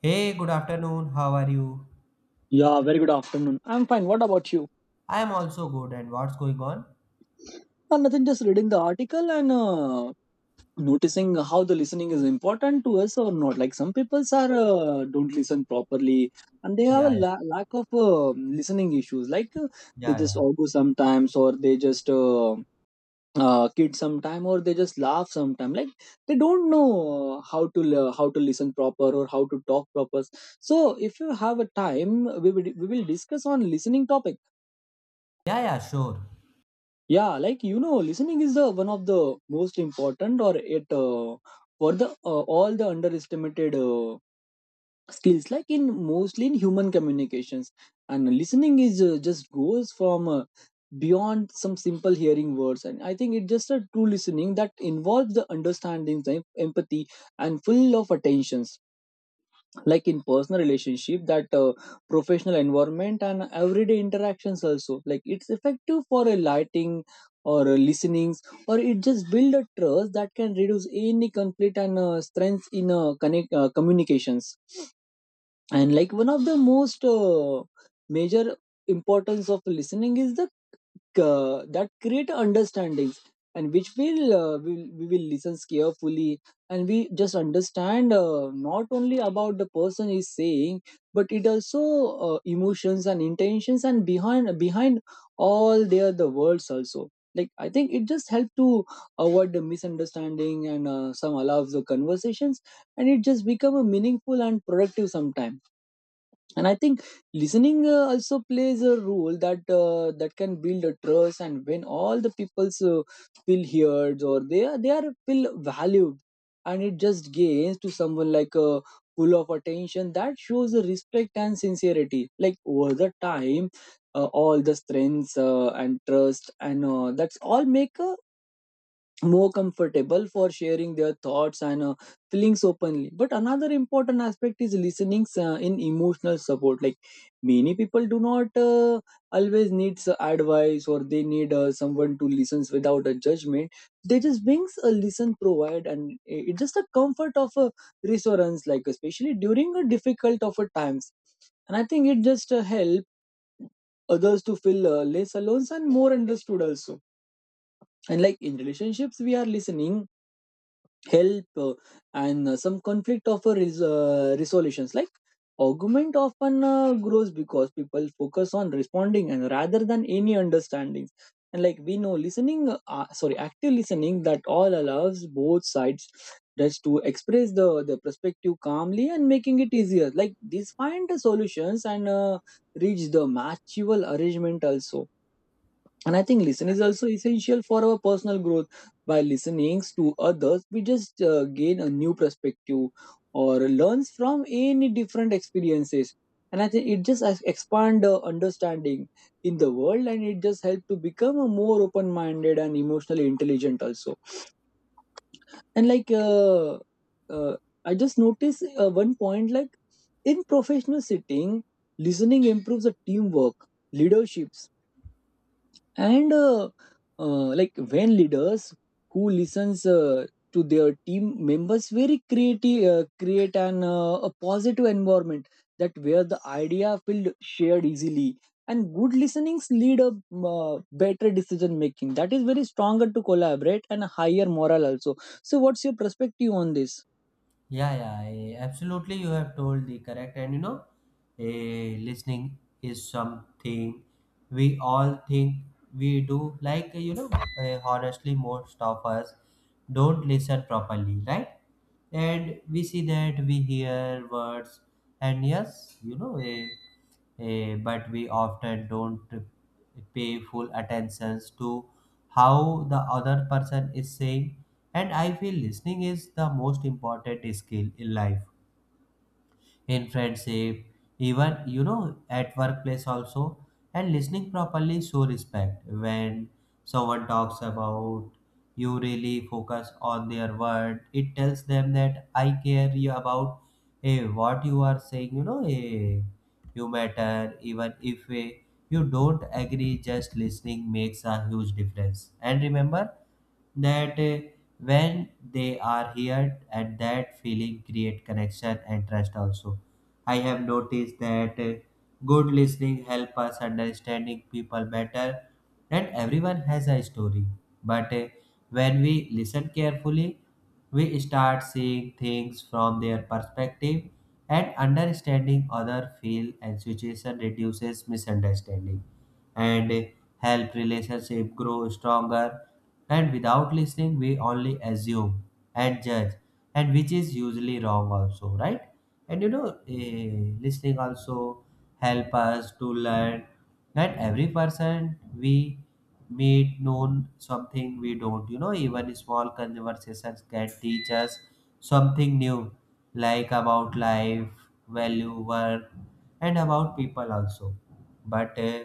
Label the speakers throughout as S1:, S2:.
S1: Hey, good afternoon. How are you?
S2: Yeah, very good afternoon. I'm fine. What about you?
S1: I am also good. And what's going on?
S2: Nothing, just reading the article and noticing how the listening is important to us or not. Like some people are don't listen properly and they have a
S1: Yeah, yeah,
S2: lack of listening issues. They
S1: yeah,
S2: just
S1: yeah.
S2: argue sometimes or they just kid sometime or they just laugh sometime. Like they don't know how to how to listen proper or how to talk proper. So if you have a time, we will discuss on listening topic.
S1: Yeah, yeah, sure.
S2: Yeah. Listening is the one of the most important or it for the all the underestimated skills, like in mostly in human communications, and listening is just goes from beyond some simple hearing words. And I think it just a true listening that involves the understanding, the empathy and full of attentions, like in personal relationship, that professional environment and everyday interactions also, like it's effective for a lighting or a listenings, or it just build a trust that can reduce any conflict and strength in connect communications. And like one of the most major importance of listening is the that create understandings, and which will we will listen carefully and we just understand not only about the person is saying, but it also emotions and intentions, and behind all their the words also. Like I think it just help to avoid the misunderstanding and some allows the conversations, and it just become a meaningful and productive sometime. And I think listening also plays a role that that can build a trust, and when all the people feel heard, or they are feel valued, and it just gains to someone like a full of attention that shows a respect and sincerity, like over the time all the strengths and trust and that's all make a more comfortable for sharing their thoughts and feelings openly. But another important aspect is listening in emotional support, like many people do not always needs advice, or they need someone to listens without a judgment. They just brings a listen provide, and it's just a comfort of a reassurance, like especially during a difficult of a times. And I think it just help others to feel less alone and more understood also. And like in relationships, we are listening help and some conflict of resolutions. Like argument often grows because people focus on responding and rather than any understanding. And like we know listening sorry active listening that all allows both sides just to express the perspective calmly and making it easier, like these find the solutions and reach the mutual arrangement also. And I think listen is also essential for our personal growth. By listening to others, we just gain a new perspective or learns from any different experiences. And I think it just expand understanding in the world, and it just help to become a more open-minded and emotionally intelligent also. And like uh, I just noticed one point, like in professional setting, listening improves the teamwork, leaderships and like when leaders who listens to their team members very creative create an a positive environment that where the idea feel shared easily, and good listenings lead a better decision making that is very stronger to collaborate and a higher moral also. So what's your perspective on this?
S1: Absolutely. You have told the correct. And you know, listening is something we all think we do. Like, you know, honestly, most of us don't listen properly, right? And we see that we hear words, and yes, you know, but we often don't pay full attentions to how the other person is saying. And I feel listening is the most important skill in life, in friendship, even you know, at workplace also. And listening properly show respect. When someone talks about, you really focus on their word. It tells them that I care you about, what you are saying. You know, you matter even if you don't agree. Just listening makes a huge difference. And remember that when they are here, and that feeling create connection and trust also. I have noticed that good listening helps us understanding people better, and everyone has a story. But when we listen carefully, we start seeing things from their perspective, and understanding other feel and situation reduces misunderstanding and help relationship grow stronger. And without listening, we only assume and judge, and which is usually wrong also, right? And you know, listening also help us to learn, that every person we meet known something we don't. You know, even small conversations can teach us something new, like about life, value, work, and about people also. But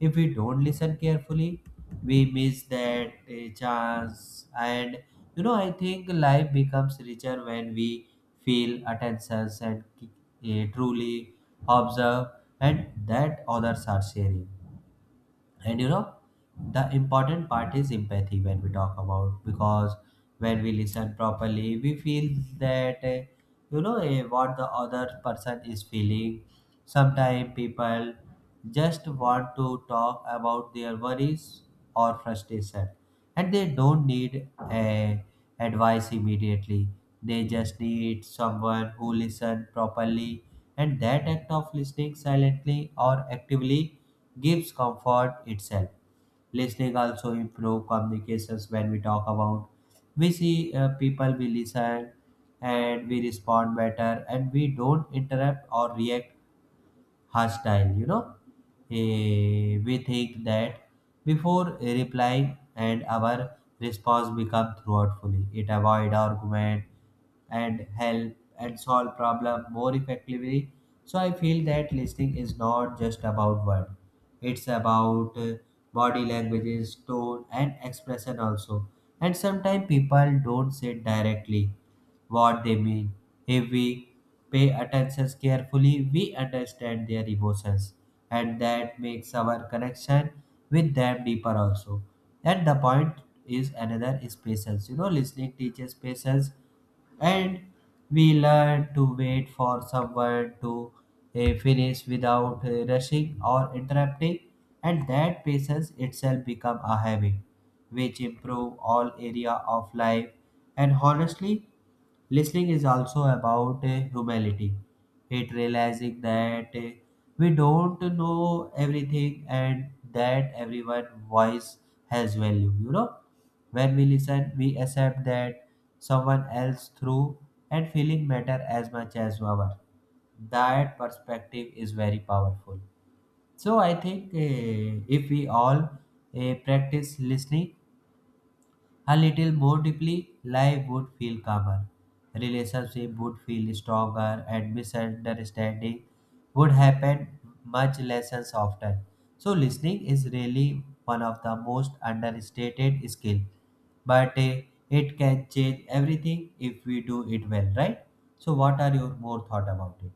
S1: if we don't listen carefully, we miss that chance. And you know, I think life becomes richer when we feel attentions and truly observe, and that others are sharing. And you know, the important part is empathy. When we talk about, because when we listen properly, we feel that you know, what the other person is feeling. Sometimes people just want to talk about their worries or frustration, and they don't need a advice immediately. They just need someone who listen properly, and that act of listening silently or actively gives comfort itself. Listening also improve communications. When we talk about, we see people we listen, and we respond better, and we don't interrupt or react hostile, you know. We think that before replying, and our response become thoughtfully. It avoid argument, and help and solve problem more effectively. So I feel that listening is not just about word. It's about body languages, tone, and expression also. And sometimes people don't say directly what they mean. If we pay attention carefully, we understand their emotions, and that makes our connection with them deeper also. And the point is another is patience. You know, listening teaches patience, and we learn to wait for someone to finish without rushing or interrupting. And that patience itself become a habit, which improve all area of life. And honestly, listening is also about humility. It realizing that we don't know everything, and that everyone's voice has value. You know, when we listen, we accept that someone else through and feeling matter as much as our. That perspective is very powerful. So I think if we all practice listening a little more deeply, life would feel calmer, relationship would feel stronger, and misunderstanding would happen much less and often. So listening is really one of the most understated skill, but it can change everything if we do it well, right? So what are your more thought about it?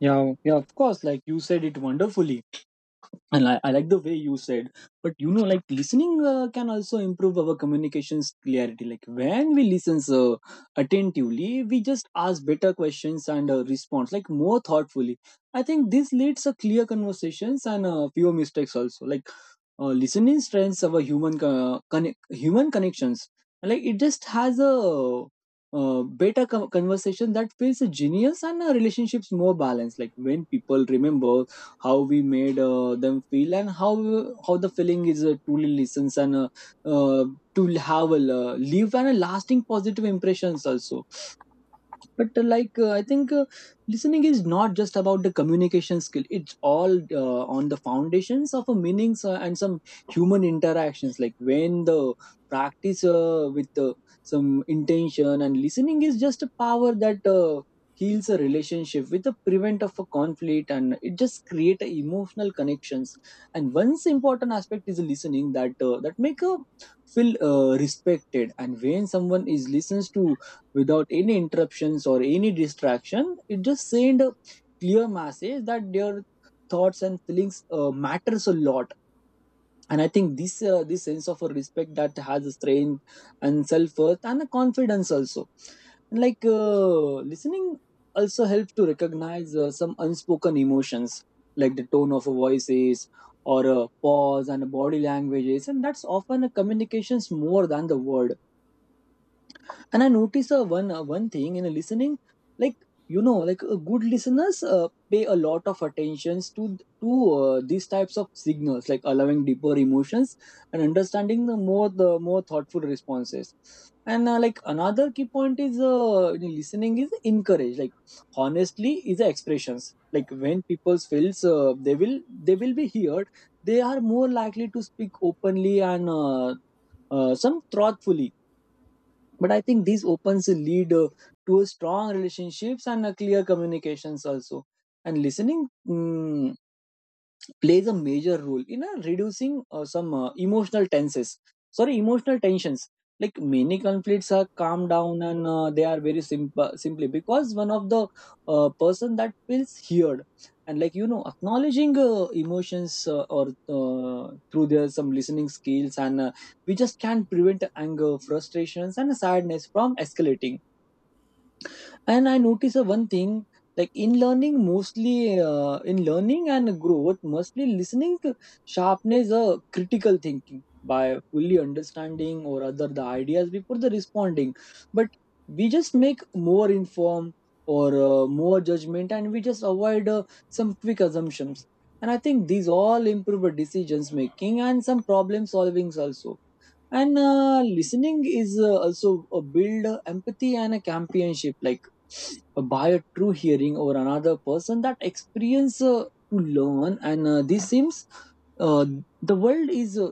S2: Yeah, yeah, of course. Like you said it wonderfully, and I like the way you said. But you know, like listening can also improve our communications clarity. Like when we listen attentively, we just ask better questions and response like more thoughtfully. I think this leads a clear conversations and fewer mistakes also. Listening strengths our human human connections, like it just has a better conversation that feels genius and relationships more balanced, like when people remember how we made them feel, and how the feeling is truly listens and uh, to have a leave and a lasting positive impressions also. But like I think listening is not just about the communication skill, it's all on the foundations of a meanings and some human interactions. Like when the practice with some intention, and listening is just a power that heals a relationship with the prevent of a conflict, and it just create a emotional connections. And one important aspect is listening that that make a feel respected, and when someone is listens to without any interruptions or any distraction, it just send a clear message that their thoughts and feelings matters a lot. And I think this sense of a respect that has a strength and self-worth and a confidence also. And listening also helps to recognize some unspoken emotions, like the tone of a voices, or a pause and a body languages, and that's often a communications more than the word. And I notice one thing in listening, like you know, like good listeners pay a lot of attentions to these types of signals, like allowing deeper emotions and understanding the more thoughtful responses. And like Another key point is in listening is encourage. Like honestly, is the expressions. Like when people feels they will be heard, they are more likely to speak openly and some thoughtfully. But I think these opens a lead to a strong relationships and a clear communications also. And listening plays a major role in reducing some emotional tenses sorry emotional tensions. Like many conflicts are calmed down and they are very simple simply because one of the person that feels heard. And like you know, acknowledging emotions or through their some listening skills, and we just can prevent anger, frustrations and sadness from escalating. And I notice one thing, like in learning and growth, mostly listening to sharpness critical thinking by fully understanding or other the ideas before the responding. But we just make more informed or more judgment, and we just avoid some quick assumptions. And I think these all improve our decisions making and some problem solvings also. And listening is also a build empathy and a companionship, like by a true hearing over another person that experience to learn, and this seems uh, the world is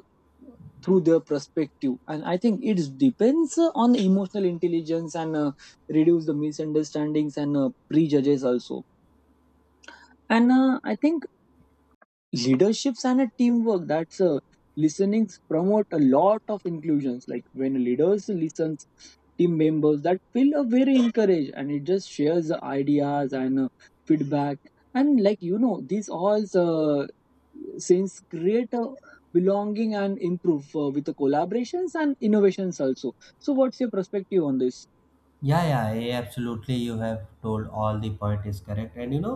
S2: through their perspective. And I think it depends on emotional intelligence and reduce the misunderstandings and prejudges also. And I think leaderships and a teamwork that's listenings promote a lot of inclusions, like when leaders listens, team members that feel very encouraged, and it just shares the ideas and feedback. And like you know, these all since create a belonging and improve with the collaborations and innovations also. So what's your perspective on this?
S1: Yeah, Absolutely. You have told all the point is correct. And you know,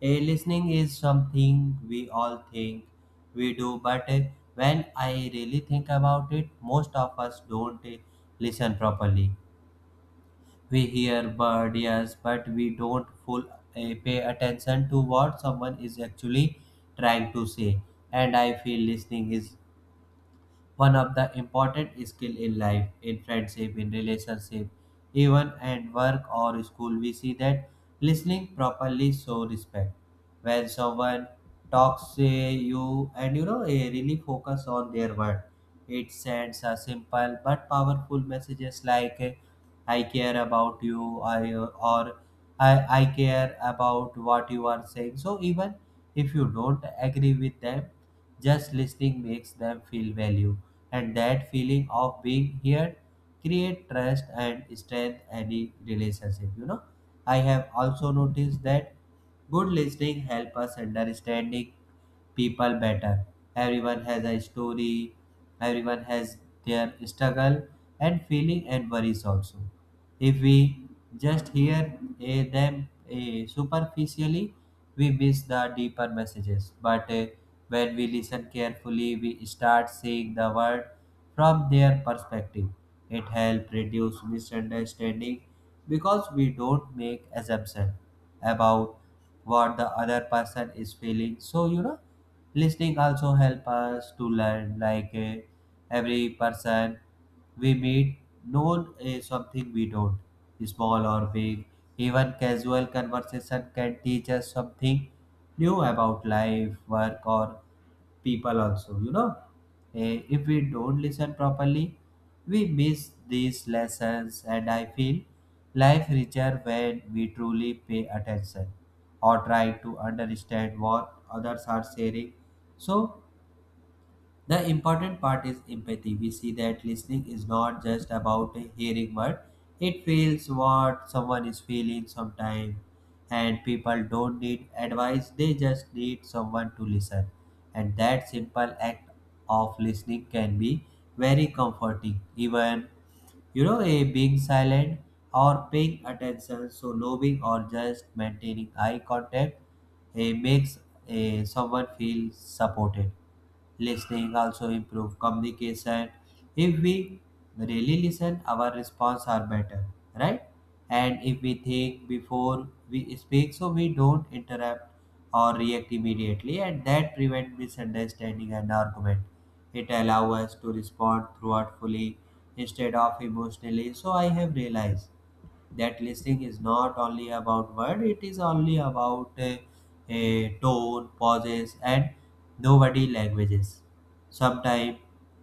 S1: listening is something we all think we do, but when I really think about it, most of us don't listen properly. We hear bird yes, but we don't full pay attention to what someone is actually trying to say. And I feel listening is one of the important skill in life, in friendship, in relationship, even at work or school. We see that listening properly show respect. When someone talks to you and you know really focus on their word, it sends a simple but powerful messages like I care about you, I care about what you are saying. So even if you don't agree with them, just listening makes them feel value, and that feeling of being heard create trust and strength any relationship. You know, I have also noticed that good listening help us understanding people better. Everyone has a story, everyone has their struggle and feeling and worries also. If we just hear them superficially, we miss the deeper messages. But when we listen carefully, we start seeing the world from their perspective. It helps reduce misunderstanding because we don't make assumptions about what the other person is feeling. So you know, listening also help us to learn, like every person we meet known something we don't, small or big. Even casual conversation can teach us something new about life, work, or people also. You know, if we don't listen properly, we miss these lessons, and I feel life richer when we truly pay attention or try to understand what others are sharing. So the important part is empathy. We see that listening is not just about hearing word. It feels what someone is feeling sometimes. And people don't need advice, they just need someone to listen. And that simple act of listening can be very comforting. Even you know, a being silent or paying attention, so loving or just maintaining eye contact makes someone feel supported. Listening also improve communication. If we really listen, our response are better, right? And if we think before we speak, so we don't interrupt or react immediately, and that prevent misunderstanding and argument. It allows us to respond thoughtfully instead of emotionally. So I have realized that listening is not only about word, it is only about tone, pauses, and nobody languages. Sometimes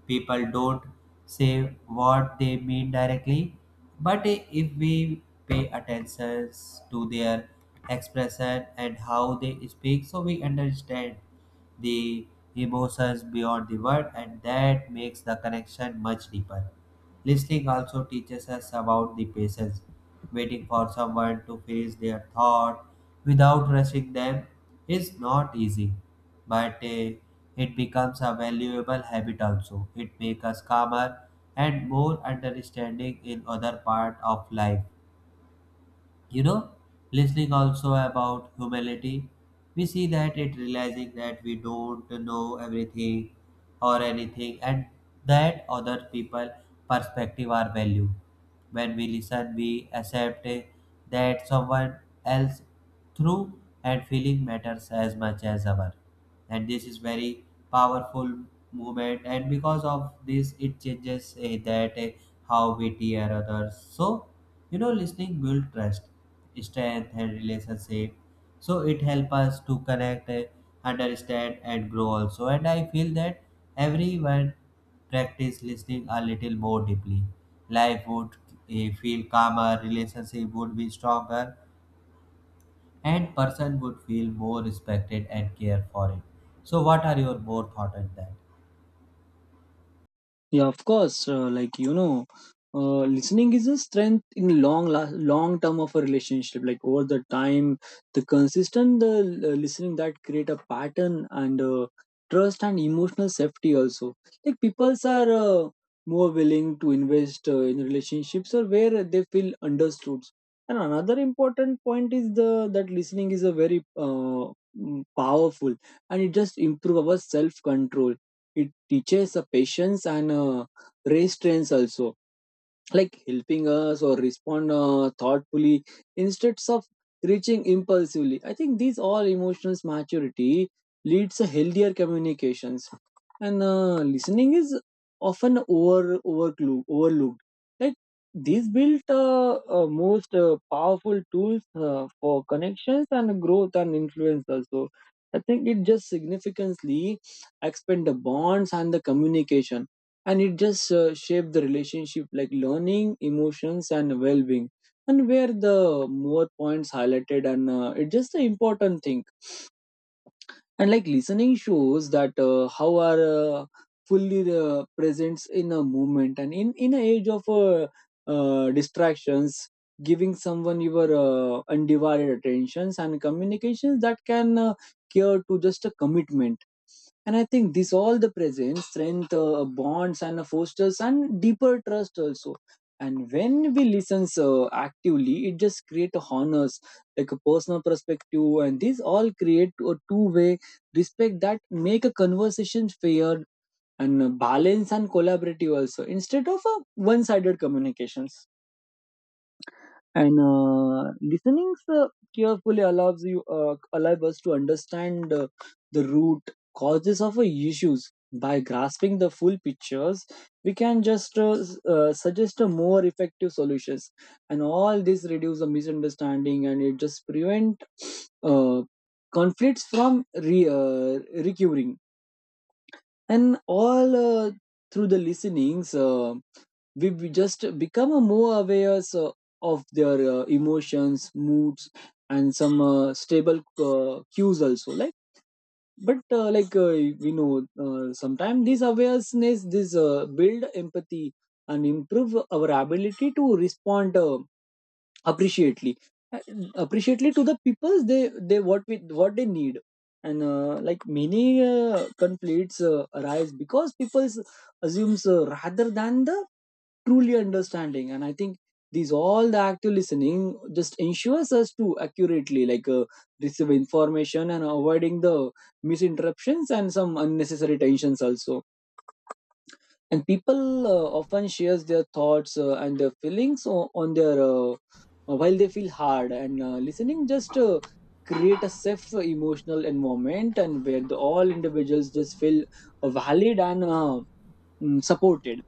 S1: people don't say what they mean directly, but if we pay attention to their expression and how they speak, so we understand the emotions beyond the word, and that makes the connection much deeper. Listening also teaches us about the patience. Waiting for someone to finish their thought without rushing them is not easy, but it becomes a valuable habit also. It makes us calmer and more understanding in other part of life. You know, listening also about humility. We see that it realizing that we don't know everything or anything, and that other people perspective are value. When we listen, we accept that someone else through and feeling matters as much as our. And this is very powerful movement, and because of this it changes eh, that eh, how witty are others. So, you know, listening build trust, strength, and relationship. So it help us to connect, understand, and grow also. And I feel that everyone practice listening a little more deeply. Life would feel calmer, relationship would be stronger, and person would feel more respected and care for it. So, what are your more thought on that?
S2: Yeah, of course. Listening is a strength in long long term of a relationship. Like over the time, the consistent listening that create a pattern and trust and emotional safety also. Like peoples are more willing to invest in relationships or where they feel understood. And another important point is the that listening is a very powerful, and it just improve our self control. It teaches patience and restraints also, like helping us or respond thoughtfully instead of reaching impulsively. I think these all emotional maturity leads to healthier communications, and listening is often overlooked like these built most powerful tools for connections and growth and influence also. I think it just significantly expand the bonds and the communication, and it just shape the relationship, like learning emotions and well-being, and where the more points highlighted, and it's just the important thing. And like listening shows that how are fully presence in a movement, and in an age of distractions, giving someone your undivided attentions and communications that can cure to just a commitment. And I think this all the presence strength bonds and fosters and deeper trust also. And when we listen actively, it just create a honors like a personal perspective, and these all create a two-way respect that make a conversation fair and balanced and collaborative also, instead of one-sided communications. And listening carefully allow us to understand the root causes of issues. By grasping the full pictures, we can just suggest a more effective solutions, and all this reduce the misunderstanding and it just prevent uh, conflicts from recurring. And all through the listenings we just become a more aware so, of their emotions moods and some stable cues also, like but like we know sometimes this awareness this build empathy and improve our ability to respond appreciately uh, appreciately to the peoples, they what they need. And like many conflicts arise because people assumes rather than the truly understanding, and I think these all the active listening just ensures us to accurately, like receive information and avoiding the misinterruptions and some unnecessary tensions also. And people often shares their thoughts and their feelings on their while they feel hard, and listening just create a safe emotional environment, and where the all individuals just feel valid and supported.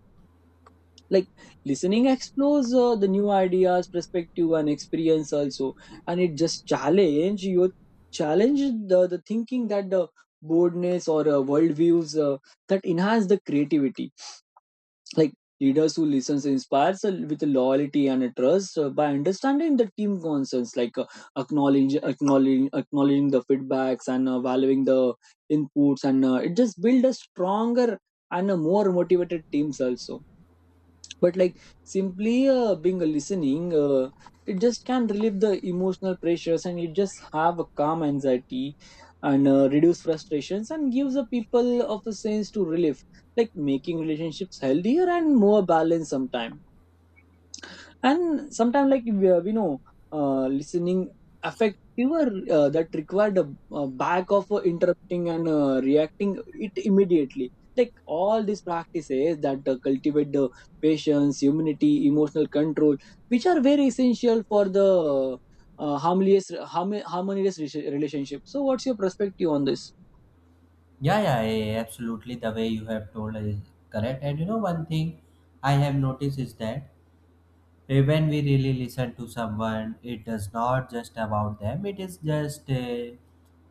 S2: Like listening explores the new ideas perspective and experience also, and it just challenge the thinking that the boldness or worldviews that enhance the creativity. Like leaders who listens inspires with loyalty and trust by understanding the team concerns, like acknowledge, acknowledging acknowledging the feedbacks and valuing the inputs, and it just build a stronger and a more motivated teams also. But like simply being a listening it just can relieve the emotional pressures, and it just have a calm anxiety and reduce frustrations and gives the people of a sense to relief, like making relationships healthier and more balanced sometimes. And sometimes, like we know listening affect your that required a back of interrupting and reacting it immediately. Like all these practices that cultivate the patience humility emotional control, which are very essential for the harmonious relationship. So what's your perspective on this?
S1: Yeah, yeah, yeah, yeah, absolutely. The way you have told is correct. And you know, one thing I have noticed is that when we really listen to someone, it does not just about them, it is just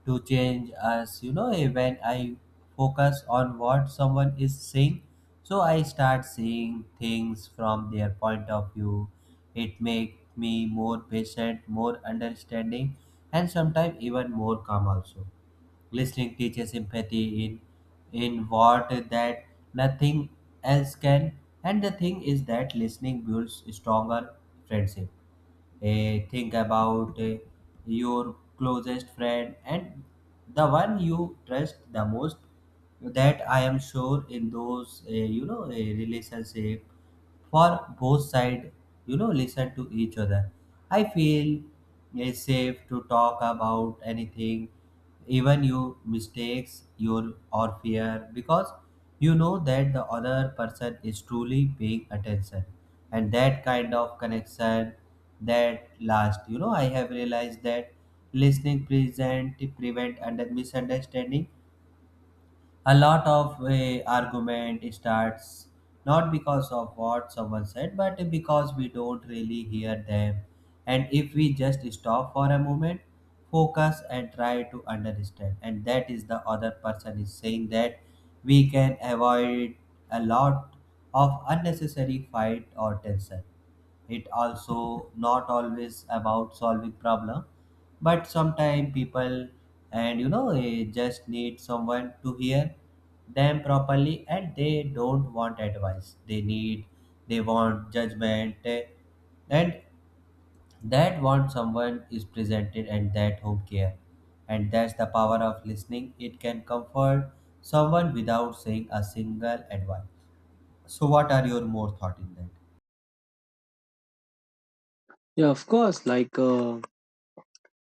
S1: to change us. You know, when I focus on what someone is saying, so I start seeing things from their point of view. It makes me more patient, more understanding, and sometimes even more calm also. Listening teaches empathy in what that nothing else can. And the thing is that listening builds stronger friendship. Think about your closest friend and the one you trust the most. That I am sure in those you know relationship, for both side, you know, listen to each other. I feel is safe to talk about anything, even your mistakes your or fear, because you know that the other person is truly paying attention. And that kind of connection that last, you know, I have realized that listening present prevent under misunderstanding. A lot of argument starts not because of what someone said, but because we don't really hear them. And if we just stop for a moment, focus, and try to understand and that is the other person is saying, that we can avoid a lot of unnecessary fight or tension. It also not always about solving problem, but sometimes people, and you know just need someone to hear them properly, and they don't want advice, they need they want judgment eh, and that want someone is presented and that home care. And that's the power of listening. It can comfort someone without saying a single advice. So what are your more thought in that?
S2: Yeah, of course. Like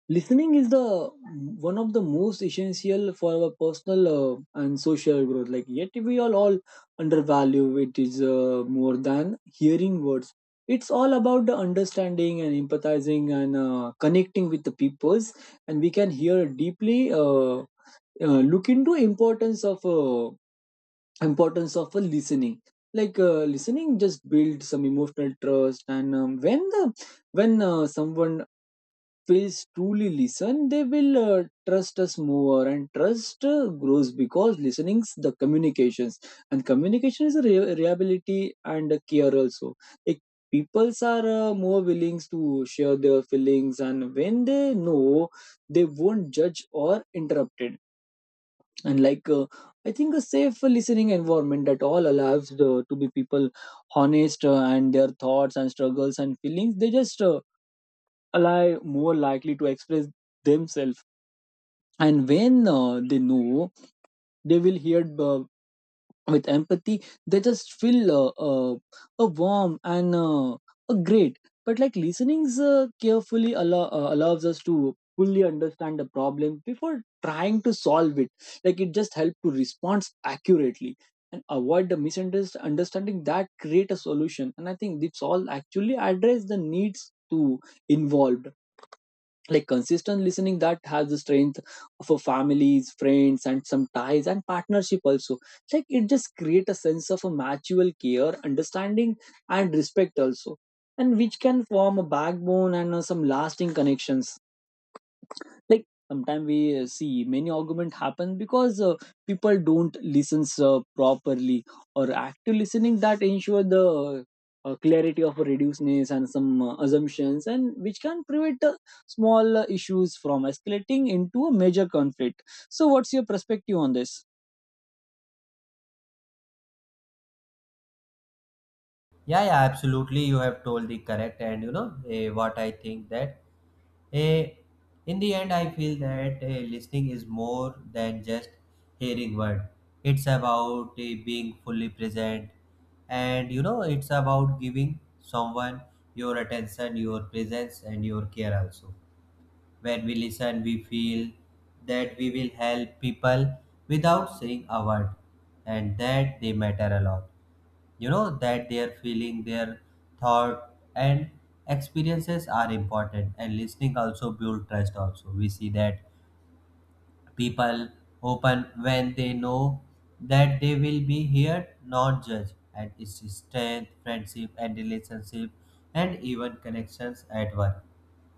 S2: listening is the one of the most essential for our personal and social growth, like yet we all undervalue it is more than hearing words. It's all about the understanding and empathizing and connecting with the peoples, and we can hear deeply look into importance of a listening. Like listening just build some emotional trust, and when someone Phils truly listen, they will trust us more, and trust grows, because listening's the communications, and communication is a reliability and a care also. Like peoples are more willing to share their feelings, and when they know, they won't judge or interrupt it. And like I think a safe listening environment that all to be people honest and their thoughts and struggles and feelings. They just are more likely to express themselves, and when they know they will hear with empathy, they just feel uh, a warm and a great. But like listening's carefully allo- allows us to fully understand the problem before trying to solve it. Like it just helps to respond accurately and avoid the misunderstanding that create a solution, and I think this all actually address the needs to involved. Like consistent listening that has the strength for families friends and some ties and partnership also, like it just create a sense of a mutual care understanding and respect also, and which can form a backbone and some lasting connections. Like sometimes we see many argument happen because people don't listen properly, or active listening that ensure the clarity of reduceness and some assumptions, and which can prevent small issues from escalating into a major conflict. So what's your perspective on this?
S1: Yeah, yeah, absolutely. You have told the correct, and you know what I think, that eh, in the end, I feel that listening is more than just hearing word. It's about being fully present, and you know, it's about giving someone your attention, your presence, and your care also. When we listen, we feel that we will help people without saying a word, and that they matter a lot. You know, that their feeling, their thought, and experiences are important. And listening also build trust also. We see that people open when they know that they will be heard, not judged, and its strength, friendship, and relationship, and even connections at work.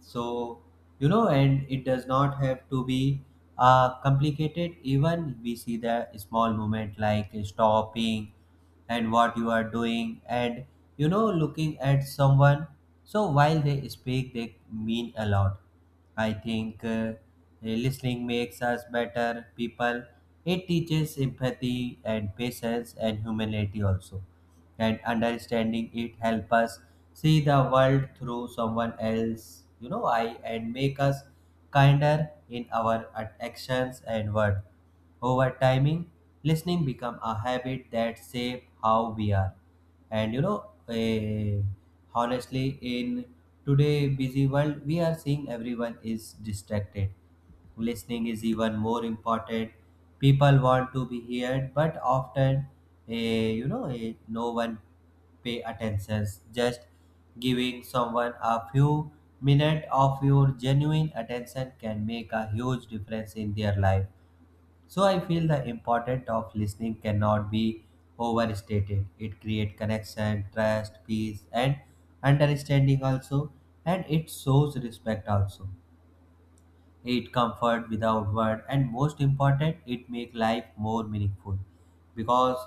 S1: So, you know, and it does not have to be complicated. Even we see the small moment like stopping and what you are doing, and you know, looking at someone. So, while they speak, they mean a lot. I think listening makes us better people. It teaches empathy and patience and humanity also. And understanding it help us see the world through someone else, you know, I, and make us kinder in our actions and word. Over timing, listening become a habit that shape how we are. And you know, honestly, in today busy world, we are seeing everyone is distracted. Listening is even more important. People want to be heard, but often, you know, no one pay attention. Just giving someone a few minutes of your genuine attention can make a huge difference in their life. So I feel the importance of listening cannot be overstated. It creates connection, trust, peace, and understanding also, and it shows respect also. It comfort without word, and most important, it make life more meaningful, because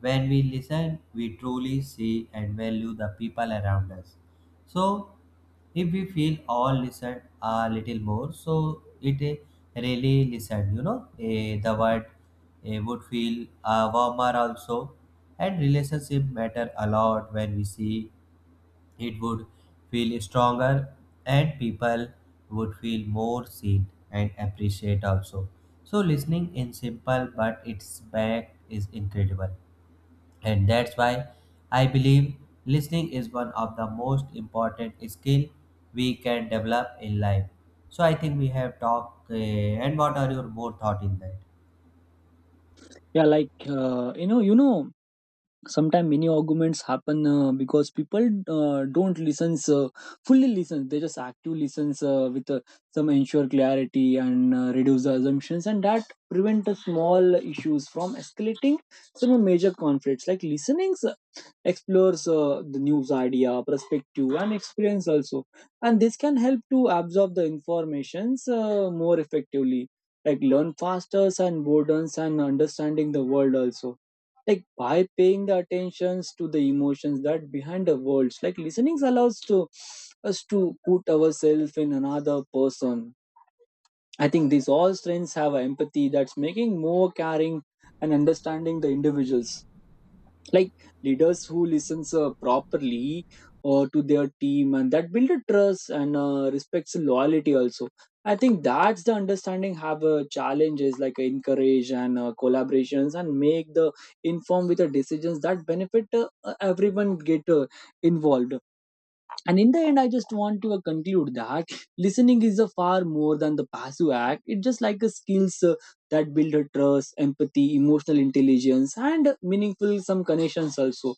S1: when we listen, we truly see and value the people around us. So if we feel all listened a little more, so it really listened, you know, the word would feel warmer also. And relationship matter a lot. When we see, it would feel stronger, and people would feel more seen and appreciate also. So listening in simple, but its back is incredible. And that's why I believe listening is one of the most important skill we can develop in life. So I think we have talked and what are your more thought in that?
S2: Yeah, like sometimes many arguments happen because people don't listen fully listen, they just active listens with some ensure clarity and reduce the assumptions, and that prevent the small issues from escalating some major conflicts. Like listenings explores the news idea perspective and experience also, and this can help to absorb the informations more effectively, like learn faster and boredom and understanding the world also. Like by paying the attentions to the emotions that behind the words, like listening allows to us to put ourselves in another person. I think these all strengths have empathy, that's making more caring and understanding the individuals. Like leaders who listens properly to their team, and that build a trust and respects loyalty also. I think that's the understanding have challenges, like encourage and collaborations and make the inform with the decisions that benefit everyone get involved. And in the end, I just want to conclude that listening is a far more than the passive act. It's just like a skills that build a trust, empathy, emotional intelligence, and meaningful some connections also.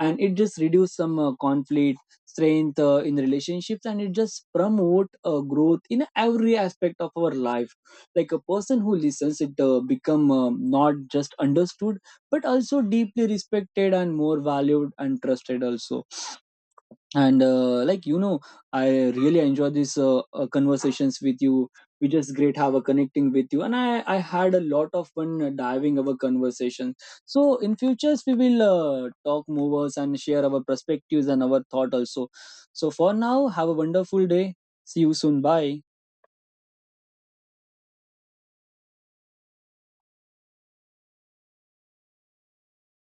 S2: And it just reduce some conflict, strength in relationships, and it just promote growth in every aspect of our life. Like a person who listens, it become not just understood but also deeply respected and more valued and trusted also. And I really enjoy these conversations with you. We just great have a connecting with you, and I had a lot of fun diving our conversation. So in futures we will talk movers and share our perspectives and our thought also. So for now, have a wonderful day. See you soon, bye.